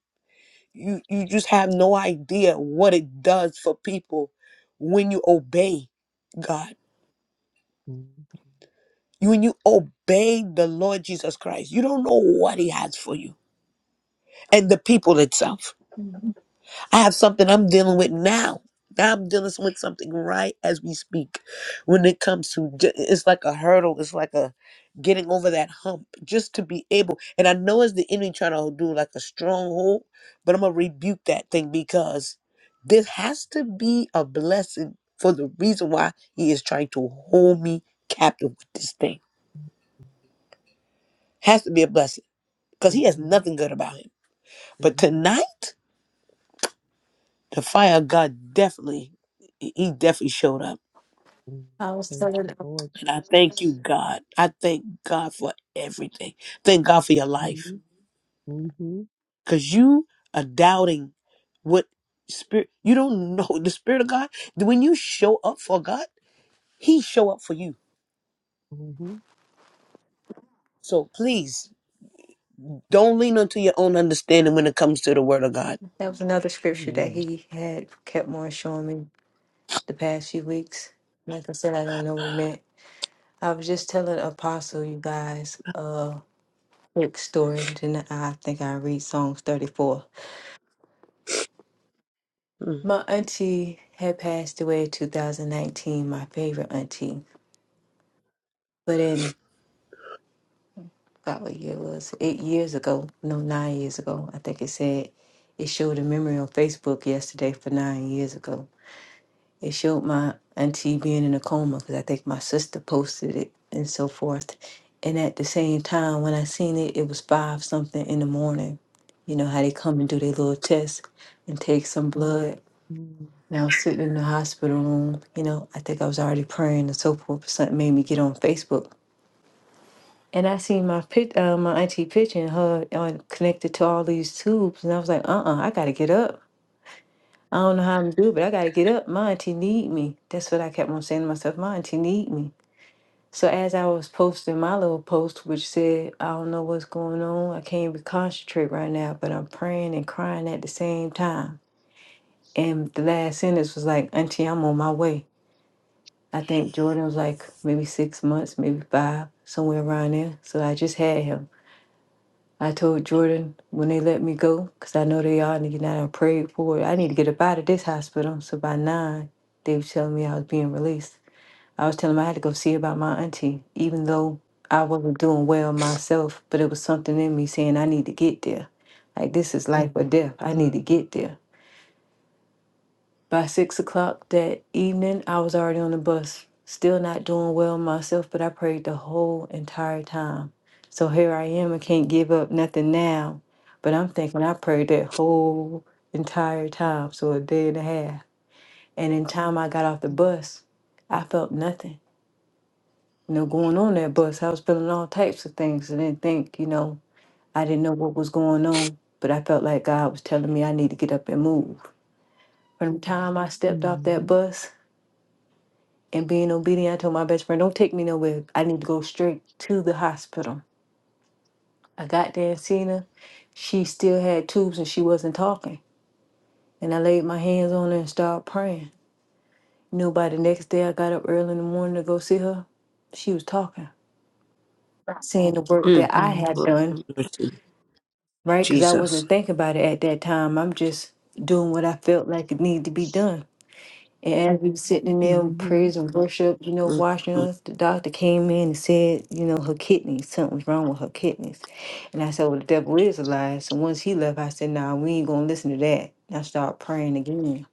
Speaker 1: You you just have no idea what it does for people when you obey God.
Speaker 2: hmm
Speaker 1: You When you obey the Lord Jesus Christ, you don't know what He has for you and the people itself.
Speaker 3: Mhm.
Speaker 1: I have something I'm dealing with now. Now I'm dealing with something right as we speak. When it comes to, ju- it's like a hurdle. It's like a getting over that hump just to be able. And I know it's the enemy trying to do like a stronghold, but I'm gonna rebuke that thing because this has to be a blessing for the reason why he is trying to hold me captive with this thing. Has to be a blessing because he has
Speaker 2: hmm
Speaker 1: nothing good about him. But
Speaker 2: hmm
Speaker 1: tonight, the fire of God definitely, he he definitely showed up
Speaker 3: I was
Speaker 2: Thank
Speaker 3: telling
Speaker 2: you,
Speaker 3: uh,
Speaker 2: Lord
Speaker 1: And I thank you,
Speaker 2: Jesus.
Speaker 1: God. I thank God for everything. Thank God for your life.
Speaker 2: hmm hmm hmm
Speaker 1: Because you are doubting what spirit, you don't know the spirit of God. When you show up for God, He show up for you. So please don't lean onto your own understanding when it comes to the word of God.
Speaker 3: that was another scripture that
Speaker 2: Amen. hmm
Speaker 3: he had kept on showing me the past few weeks. Like I said, I don't know what it meant. I was just telling Apostle, you guys. uh, quick story, then I think I read Psalms 34.
Speaker 1: Mm.
Speaker 3: My auntie had passed away in 2019, my favorite auntie. But in about what year it was eight years ago, no, nine years ago, I think it said it showed a memory on Facebook yesterday for nine years ago. It showed my auntie being in a coma because I think my sister posted it and so forth. And at the same time, when I seen it, it was five something in the morning. You know how they come and do their little test and take some blood. Now I was sitting in the hospital room, you know, I think I was already praying and so forth. Something made me get on Facebook. And I seen my pic, uh, my auntie picture and her on, connected to all these tubes. And I was like, uh-uh, I got to get up. I don't know how I'm going do, it, but I got to get up. My auntie need me. That's what I kept on saying to myself. My auntie need me. So as I was posting my little post, which said, I don't know what's going on. I can't even concentrate right now, but I'm praying and crying at the same time. And the last sentence was like, auntie, I'm on my way. I think Jordan was like maybe six months, maybe five, somewhere around there. So I just had him. I told Jordan when they let me go, because I know they all need now I prayed for it. I need to get up out of this hospital. So by nine, they was telling me I was being released. I was telling them I had to go see about my auntie, even though I wasn't doing well myself, but it was something in me saying I need to get there. Like this is life or death. I need to get there. By six o'clock that evening, I was already on the bus, still not doing well myself, but I prayed the whole entire time. So here I am, I can't give up nothing now, but I'm thinking I prayed that whole entire time, so a day and a half. And in time I got off the bus, I felt nothing, you know, going on that bus. I was feeling all types of things. I didn't think, you know, I didn't know what was going on, but I felt like God was telling me I need to get up and move. From the time I stepped off that
Speaker 2: hmm
Speaker 3: bus, and being obedient, I told my best friend, don't take me nowhere. I need to go straight to the hospital. I got there and seen her. She still had tubes and she wasn't talking. And I laid my hands on her and started praying. You know, by the next day, I got up early in the morning to go see her. She was talking, saying the work
Speaker 1: Mm.
Speaker 3: that I had
Speaker 1: Lord,
Speaker 3: done,
Speaker 1: have mercy.
Speaker 3: right? Because I
Speaker 1: Jesus.
Speaker 3: wasn't thinking about it at that time. I'm just doing what I felt like it needed to be done. And as we were sitting in there in
Speaker 2: hmm
Speaker 3: praise and worship, you know,
Speaker 1: Mm.
Speaker 3: watching
Speaker 1: Mm.
Speaker 3: us. The doctor came in and said, you know, her kidneys, something was wrong with her kidneys. And I said, well, the devil is a lie. So once he left, I said, nah, we ain't going to listen to that. And I started praying again.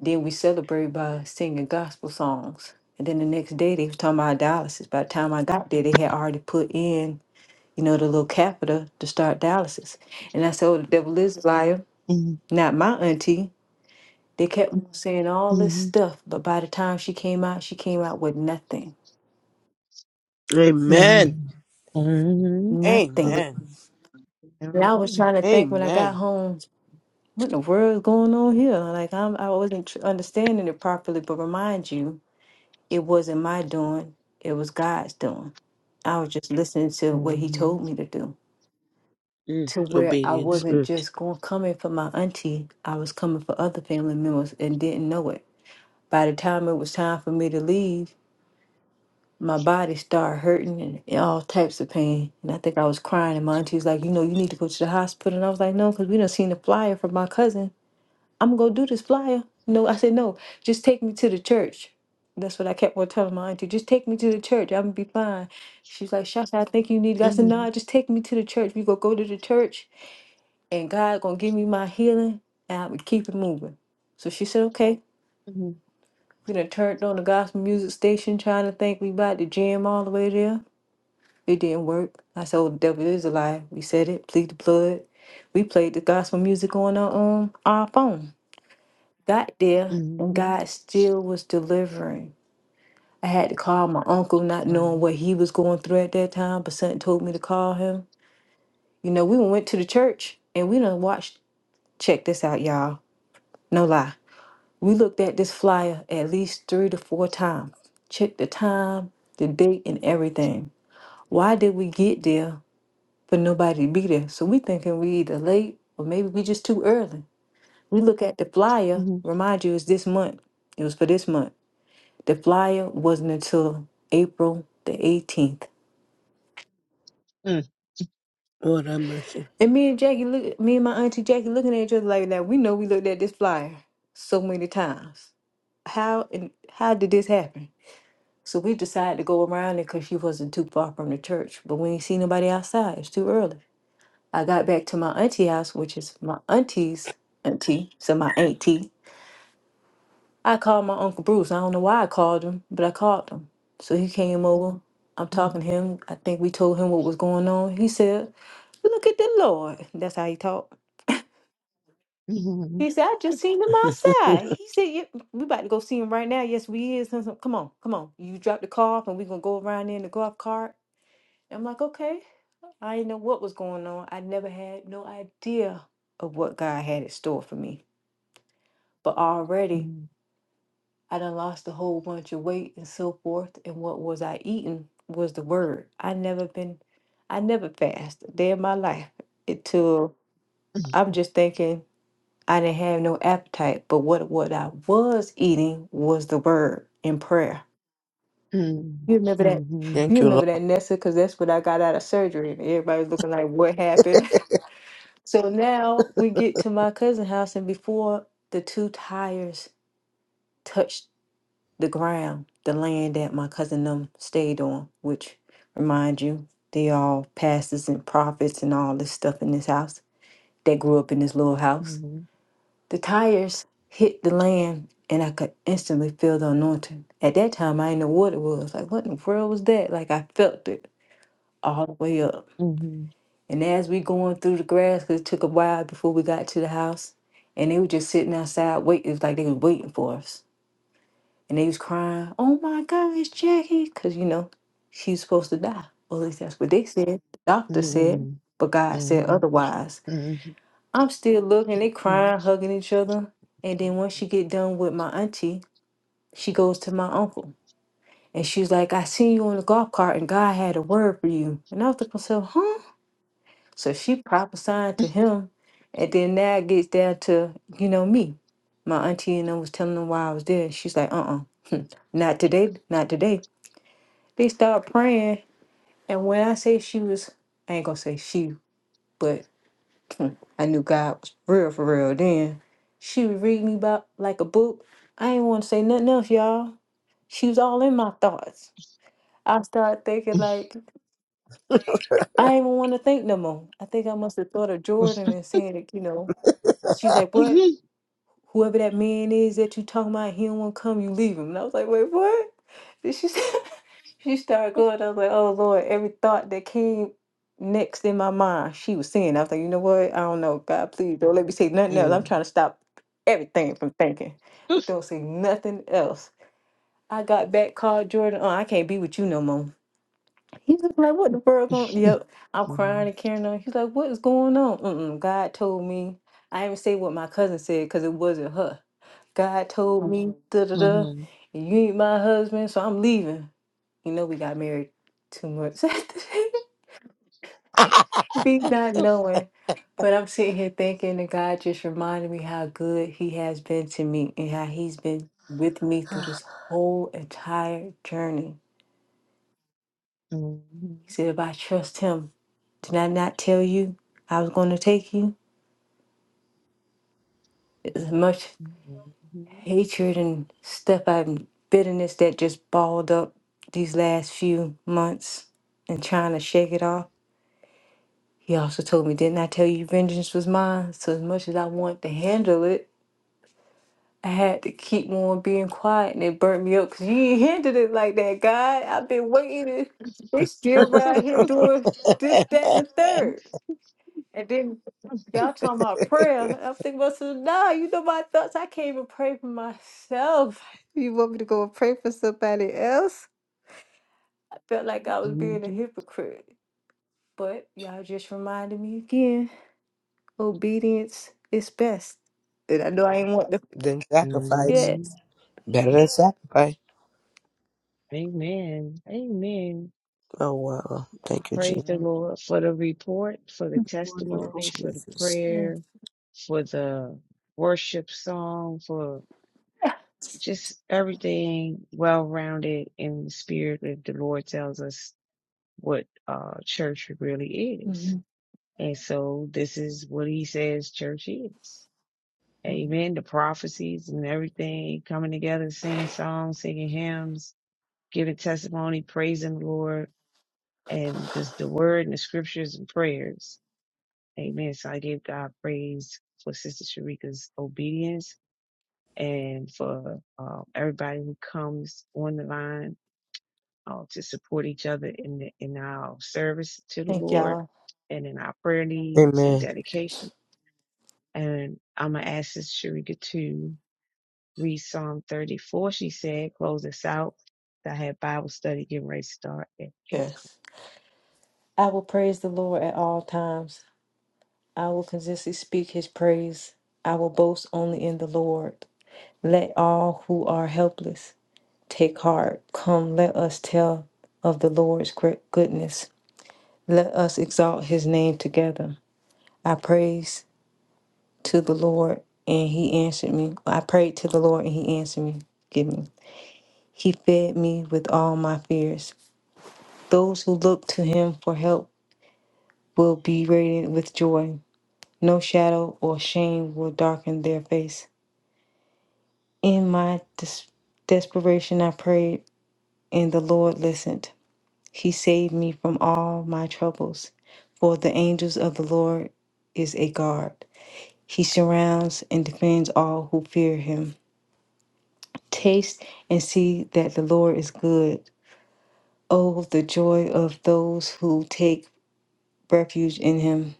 Speaker 3: Then we celebrated by singing gospel songs. And then the next day, they was talking about dialysis. By the time I got there, they had already put in, you know, the little catheter to start dialysis. And I said, oh, the devil is a liar.
Speaker 2: hmm
Speaker 3: Not my auntie. They kept on saying all this
Speaker 2: Mhm.
Speaker 3: stuff, but by the time she came out, she came out with nothing.
Speaker 1: Amen.
Speaker 2: Mhm. Mhm.
Speaker 4: Hallelujah,
Speaker 3: Nothing.
Speaker 1: Amen.
Speaker 3: And I was
Speaker 2: Amen.
Speaker 3: trying to think when I got
Speaker 1: Amen.
Speaker 3: home, what in the world is going on here? Like I'm, I wasn't tr- understanding it properly. But remind you, it wasn't my doing; it was God's doing. I was just listening to what He told
Speaker 2: Mhm.
Speaker 3: me to do.
Speaker 1: Mm.
Speaker 3: To where I
Speaker 1: Obedience.
Speaker 2: Mhm.
Speaker 3: wasn't
Speaker 1: Mm.
Speaker 3: just going coming for my auntie, I was coming for other family members and didn't know it. By the time it was time for me to leave, my body started hurting and and all types of pain. And I think I was crying. And my auntie was like, you know, you need to go to the hospital. And I was like, no, because we done seen the flyer from my cousin. I'm going to do this flyer. No, I said, no, just take me to the church. That's what I kept on telling my auntie. Just take me to the church. I'm going to be fine. She's like, Shasha, I think you need God. I said, "No,
Speaker 2: Mhm.
Speaker 3: just take me to the church. We going to go to the church and God going to give me my healing and I'm going to keep it moving. So she said, okay.
Speaker 2: Mhm.
Speaker 3: We done turned on the gospel music station trying to think we about to jam all the way there. It didn't work. I said, oh, the devil is a lie. We said it. Plead the blood. We played the gospel music on our, um, our phone. Got there, and
Speaker 2: Mhm.
Speaker 3: God still was delivering. I had to call my uncle, not
Speaker 2: Wow.
Speaker 3: knowing what he was going through at that time, but something told me to call him. You know, we went to the church, and we done watched. Check this out, y'all. No lie. We looked at this flyer at least three to four times. Checked the time, the date, and everything. Why did we get there? for nobody to be there. So we thinking we either late or maybe we just too early. We look at the flyer,
Speaker 2: Mhm.
Speaker 3: remind you it's this month. It was for this month. The flyer wasn't until April the 18th.
Speaker 1: Lord have mercy.
Speaker 3: And me and Jackie look me and my auntie Jackie looking at each other like that. We know we looked at this flyer so many times. How and how did this happen? So we decided to go around it because she wasn't too far from the church, but we ain't see nobody outside. It's too early. I got back to my auntie house, which is my auntie's auntie, so my auntie. I called my Uncle Bruce. I don't know why I called him, but I called him. So he came over. I'm talking
Speaker 2: Mhm.
Speaker 3: to him. I think we told him what was going on. He said, Look at the Lord. That's how he talked.
Speaker 2: Mhm.
Speaker 3: He said, I just seen him outside. He said, yeah, we about to go see him right now. Yes, we is. Come on, come on. You drop the car off and we gonna go around there in the golf cart. I'm like, okay. I didn't know what was going on. I never had no idea of what God had in store for me. But already
Speaker 2: Mhm.
Speaker 3: I done lost a whole bunch of weight and so forth. And what was I eating was the word. I never been, I never fasted a day of my life until I'm just thinking I didn't have no appetite. But what, what I was eating was the word in prayer. You remember that?
Speaker 2: Mhm.
Speaker 3: You
Speaker 1: Thank you,
Speaker 3: remember
Speaker 1: Lord.
Speaker 3: that, Nessa? Because that's what I got out of surgery. And everybody's looking like, what happened? So now we get to my cousin's house, and before the two tires touched the ground, the land that my cousin them stayed on, which remind you, they all pastors and prophets and all this stuff in this house that grew up in this little house.
Speaker 2: Mhm.
Speaker 3: The tires hit the land and I could instantly feel the anointing. At that time I didn't know what it was. Like what in the world was that? Like I felt it all the way up.
Speaker 2: Mhm. Mhm.
Speaker 3: And as we going through the grass, 'cause it took a while before we got to the house, and they were just sitting outside waiting, it was like they was waiting for us And they was crying, oh my gosh, Jackie, because, you know, she was supposed to die. Well, at least that's what they said. The doctor said,
Speaker 2: Mhm. Mhm. Mhm. Mhm. Mhm.
Speaker 3: but God said
Speaker 2: Mhm.
Speaker 3: otherwise. I'm still looking, they crying, hugging each other. And then once she get done with my auntie, she goes to my uncle. And she's like, I seen you on the golf cart and God had a word for you. And I was like, myself, huh? So she prophesied to him. And then now it gets down to, you know, me. My auntie and I was telling them why I was there. she's like, uh uh, not today, not today. They started praying, and when I say she was, I ain't gonna say she, but hmm, I knew God was real for real. Then she was reading me about like a book. I ain't want to say nothing else, y'all. She was all in my thoughts. I started thinking like I ain't even want to think no more. I think I must have thought of Jordan and saying it, you know. She's like, "What? Whoever that man is that you talking about, he don't want to come. You leave him." And I was like, "Wait, what?" Did she said. She started going. I was like, oh Lord, every thought that came next in my mind, she was saying. I was like, you know what? I don't know. God, please don't let me say
Speaker 2: Mhm.
Speaker 3: nothing else. I'm
Speaker 2: Mhm.
Speaker 3: trying to stop everything from thinking. Don't say nothing else. I got back, called Jordan. Oh, I can't be with you no more. He's just like, what the world going? Yep. I'm crying and carrying on. He's like, what is going on? Mm-mm, God told me. I didn't say what my cousin said because it wasn't her. God told me, da da da, you ain't my husband, so I'm leaving. You know, we got married two months after that, me not knowing. But I'm sitting here thinking that God just reminded me how good He has been to me and how He's been with me through this whole entire journey. He said, if I trust Him, did I not tell you I was going to take you? as much?" hatred and stuff and bitterness that just balled up these last few months and trying to shake it off. He also told me, Didn't I tell you vengeance was mine? So, as much as I wanted to handle it, I had to keep on being quiet and it burnt me up because you ain't handled it like that, God. I've been waiting. They still
Speaker 2: Mhm.
Speaker 3: right here doing this, that, and the third. And then y'all talking about prayer. I'm thinking about some, nah, you know my thoughts. I can't even pray for myself. You want me to go and pray for somebody else? I felt like I was
Speaker 2: Mhm.
Speaker 3: being a hypocrite. But y'all just reminded me again, obedience is best. And I know I ain't want to.
Speaker 1: than sacrifice.
Speaker 2: Mhm.
Speaker 3: Yes.
Speaker 1: Better than sacrifice.
Speaker 2: Amen. Amen.
Speaker 1: Oh wow. Thank you,
Speaker 2: Praise
Speaker 1: Jesus.
Speaker 2: the
Speaker 4: ma'am.
Speaker 2: Lord for the report, for the
Speaker 4: That's wonderful.
Speaker 2: testimony, for the
Speaker 1: Jesus.
Speaker 3: Yes.
Speaker 2: prayer, for the worship song, for just everything well rounded in the spirit that the Lord tells us what uh, church really is.
Speaker 3: Mhm.
Speaker 2: And so this is what he says church is.
Speaker 3: Mhm.
Speaker 2: Amen. The prophecies and everything coming together, singing songs, singing hymns, giving testimony, praising the Lord, and just the word and the scriptures and prayers Amen. So I give God praise for Sister Sharika's obedience and for um, everybody who comes on the line uh, to support each other in the, in our service to the
Speaker 3: Thank
Speaker 2: Lord
Speaker 3: y'all.
Speaker 2: and in our prayer needs and
Speaker 1: Amen.
Speaker 2: dedication. And I'm gonna ask Sister Sharika to read Psalm 34. She said, "Close us out." I had Bible study getting ready to start at eight
Speaker 3: Yes. I will praise the Lord at all times. I will consistently speak his praise. I will boast only in the Lord. Let all who are helpless Take heart. Come, let us tell of the Lord's great goodness. Let us exalt his name together. I praise to the Lord and he answered me. I prayed to the Lord and he answered me. Give me. He fed me with all my fears. Those who look to him for help will be radiant with joy. No shadow or shame will darken their face. In my dis- desperation, I prayed, and the Lord listened. He saved me from all my troubles, for the angels of the Lord is a guard. He surrounds and defends all who fear him. Taste and see that the Lord is good. Oh, the joy of those who take refuge in him.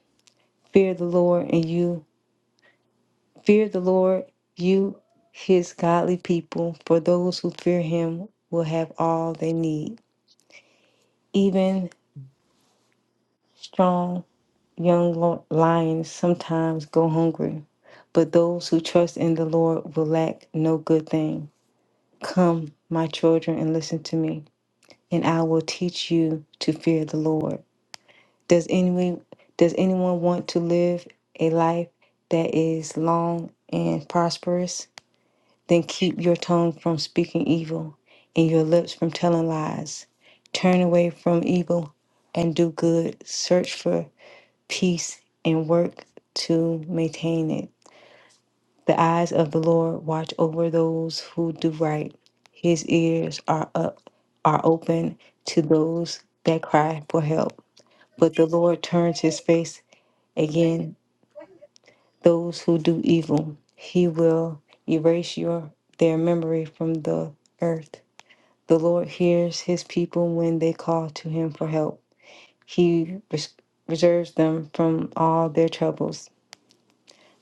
Speaker 3: Fear the Lord and you, fear the Lord, you, his godly people, for those who fear him will have all they need. Even strong Young lo- lions sometimes go hungry, but those who trust in the Lord will lack no good thing. Come, my children, and listen to me, and I will teach you to fear the Lord. Does anyone does anyone want to live a life that is long and prosperous? Then keep your tongue from speaking evil and your lips from telling lies. Turn away from evil and do good. Search for peace and work to maintain it. The eyes of the Lord watch over those who do right. His ears are up are open to those that cry for help. But the Lord turns his face again those who do evil. He will erase your their memory from the earth. The Lord hears his people when they call to him for help. He res- reserves them from all their troubles.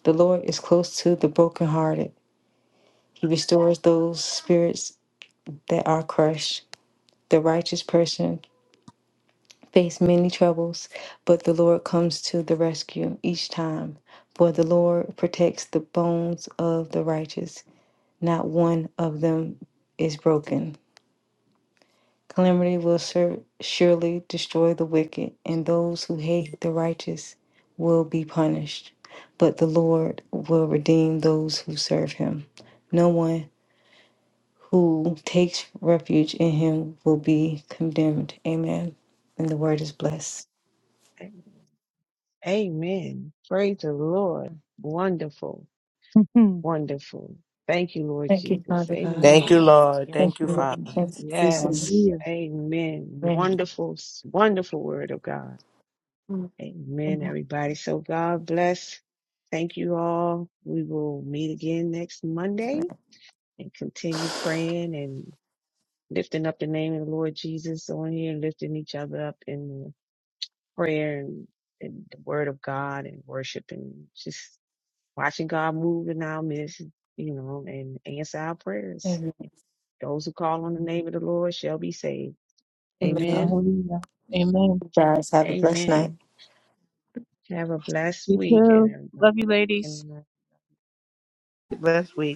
Speaker 3: The Lord is close to the brokenhearted. He restores those spirits that are crushed. The righteous person faces many troubles, but the Lord comes to the rescue each time. For the Lord protects the bones of the righteous. Not one of them is broken. Calamity will sur- surely destroy the wicked, and those who hate the righteous will be punished. But the Lord will redeem those who serve him. No one who takes refuge in him will be condemned. Amen. And the word is blessed.
Speaker 2: o'clock. Amen. Praise the Lord. Wonderful.
Speaker 4: Mhm.
Speaker 2: Wonderful. Thank you, Lord
Speaker 3: Thank you,
Speaker 2: Jesus.
Speaker 3: Father God.
Speaker 1: Thank you,
Speaker 2: Amen.
Speaker 1: Lord.
Speaker 4: yes,
Speaker 3: Thank
Speaker 1: Thank you,
Speaker 3: you,
Speaker 4: Lord.
Speaker 3: Lord.
Speaker 1: Father.
Speaker 3: Thank you, Jesus.
Speaker 2: Yes.
Speaker 4: Hallelujah.
Speaker 2: Amen.
Speaker 3: Amen.
Speaker 2: Wonderful, wonderful word of God. Amen,
Speaker 3: Amen.
Speaker 2: everybody. So God bless. Thank you all. We will meet again next Monday and continue praying and lifting up the name of the Lord Jesus on here, lifting each other up in prayer and, and the word of God and worship and just watching God move in our midst, you know, and answer our prayers. Those who call on the name of the Lord shall be saved.
Speaker 3: Amen.
Speaker 2: Amen.
Speaker 4: Hallelujah. Amen.
Speaker 3: You guys have a blessed night.
Speaker 2: Amen. Have a blessed
Speaker 4: You
Speaker 2: week and
Speaker 4: too. Love you, ladies.
Speaker 2: everything.
Speaker 1: Bless week.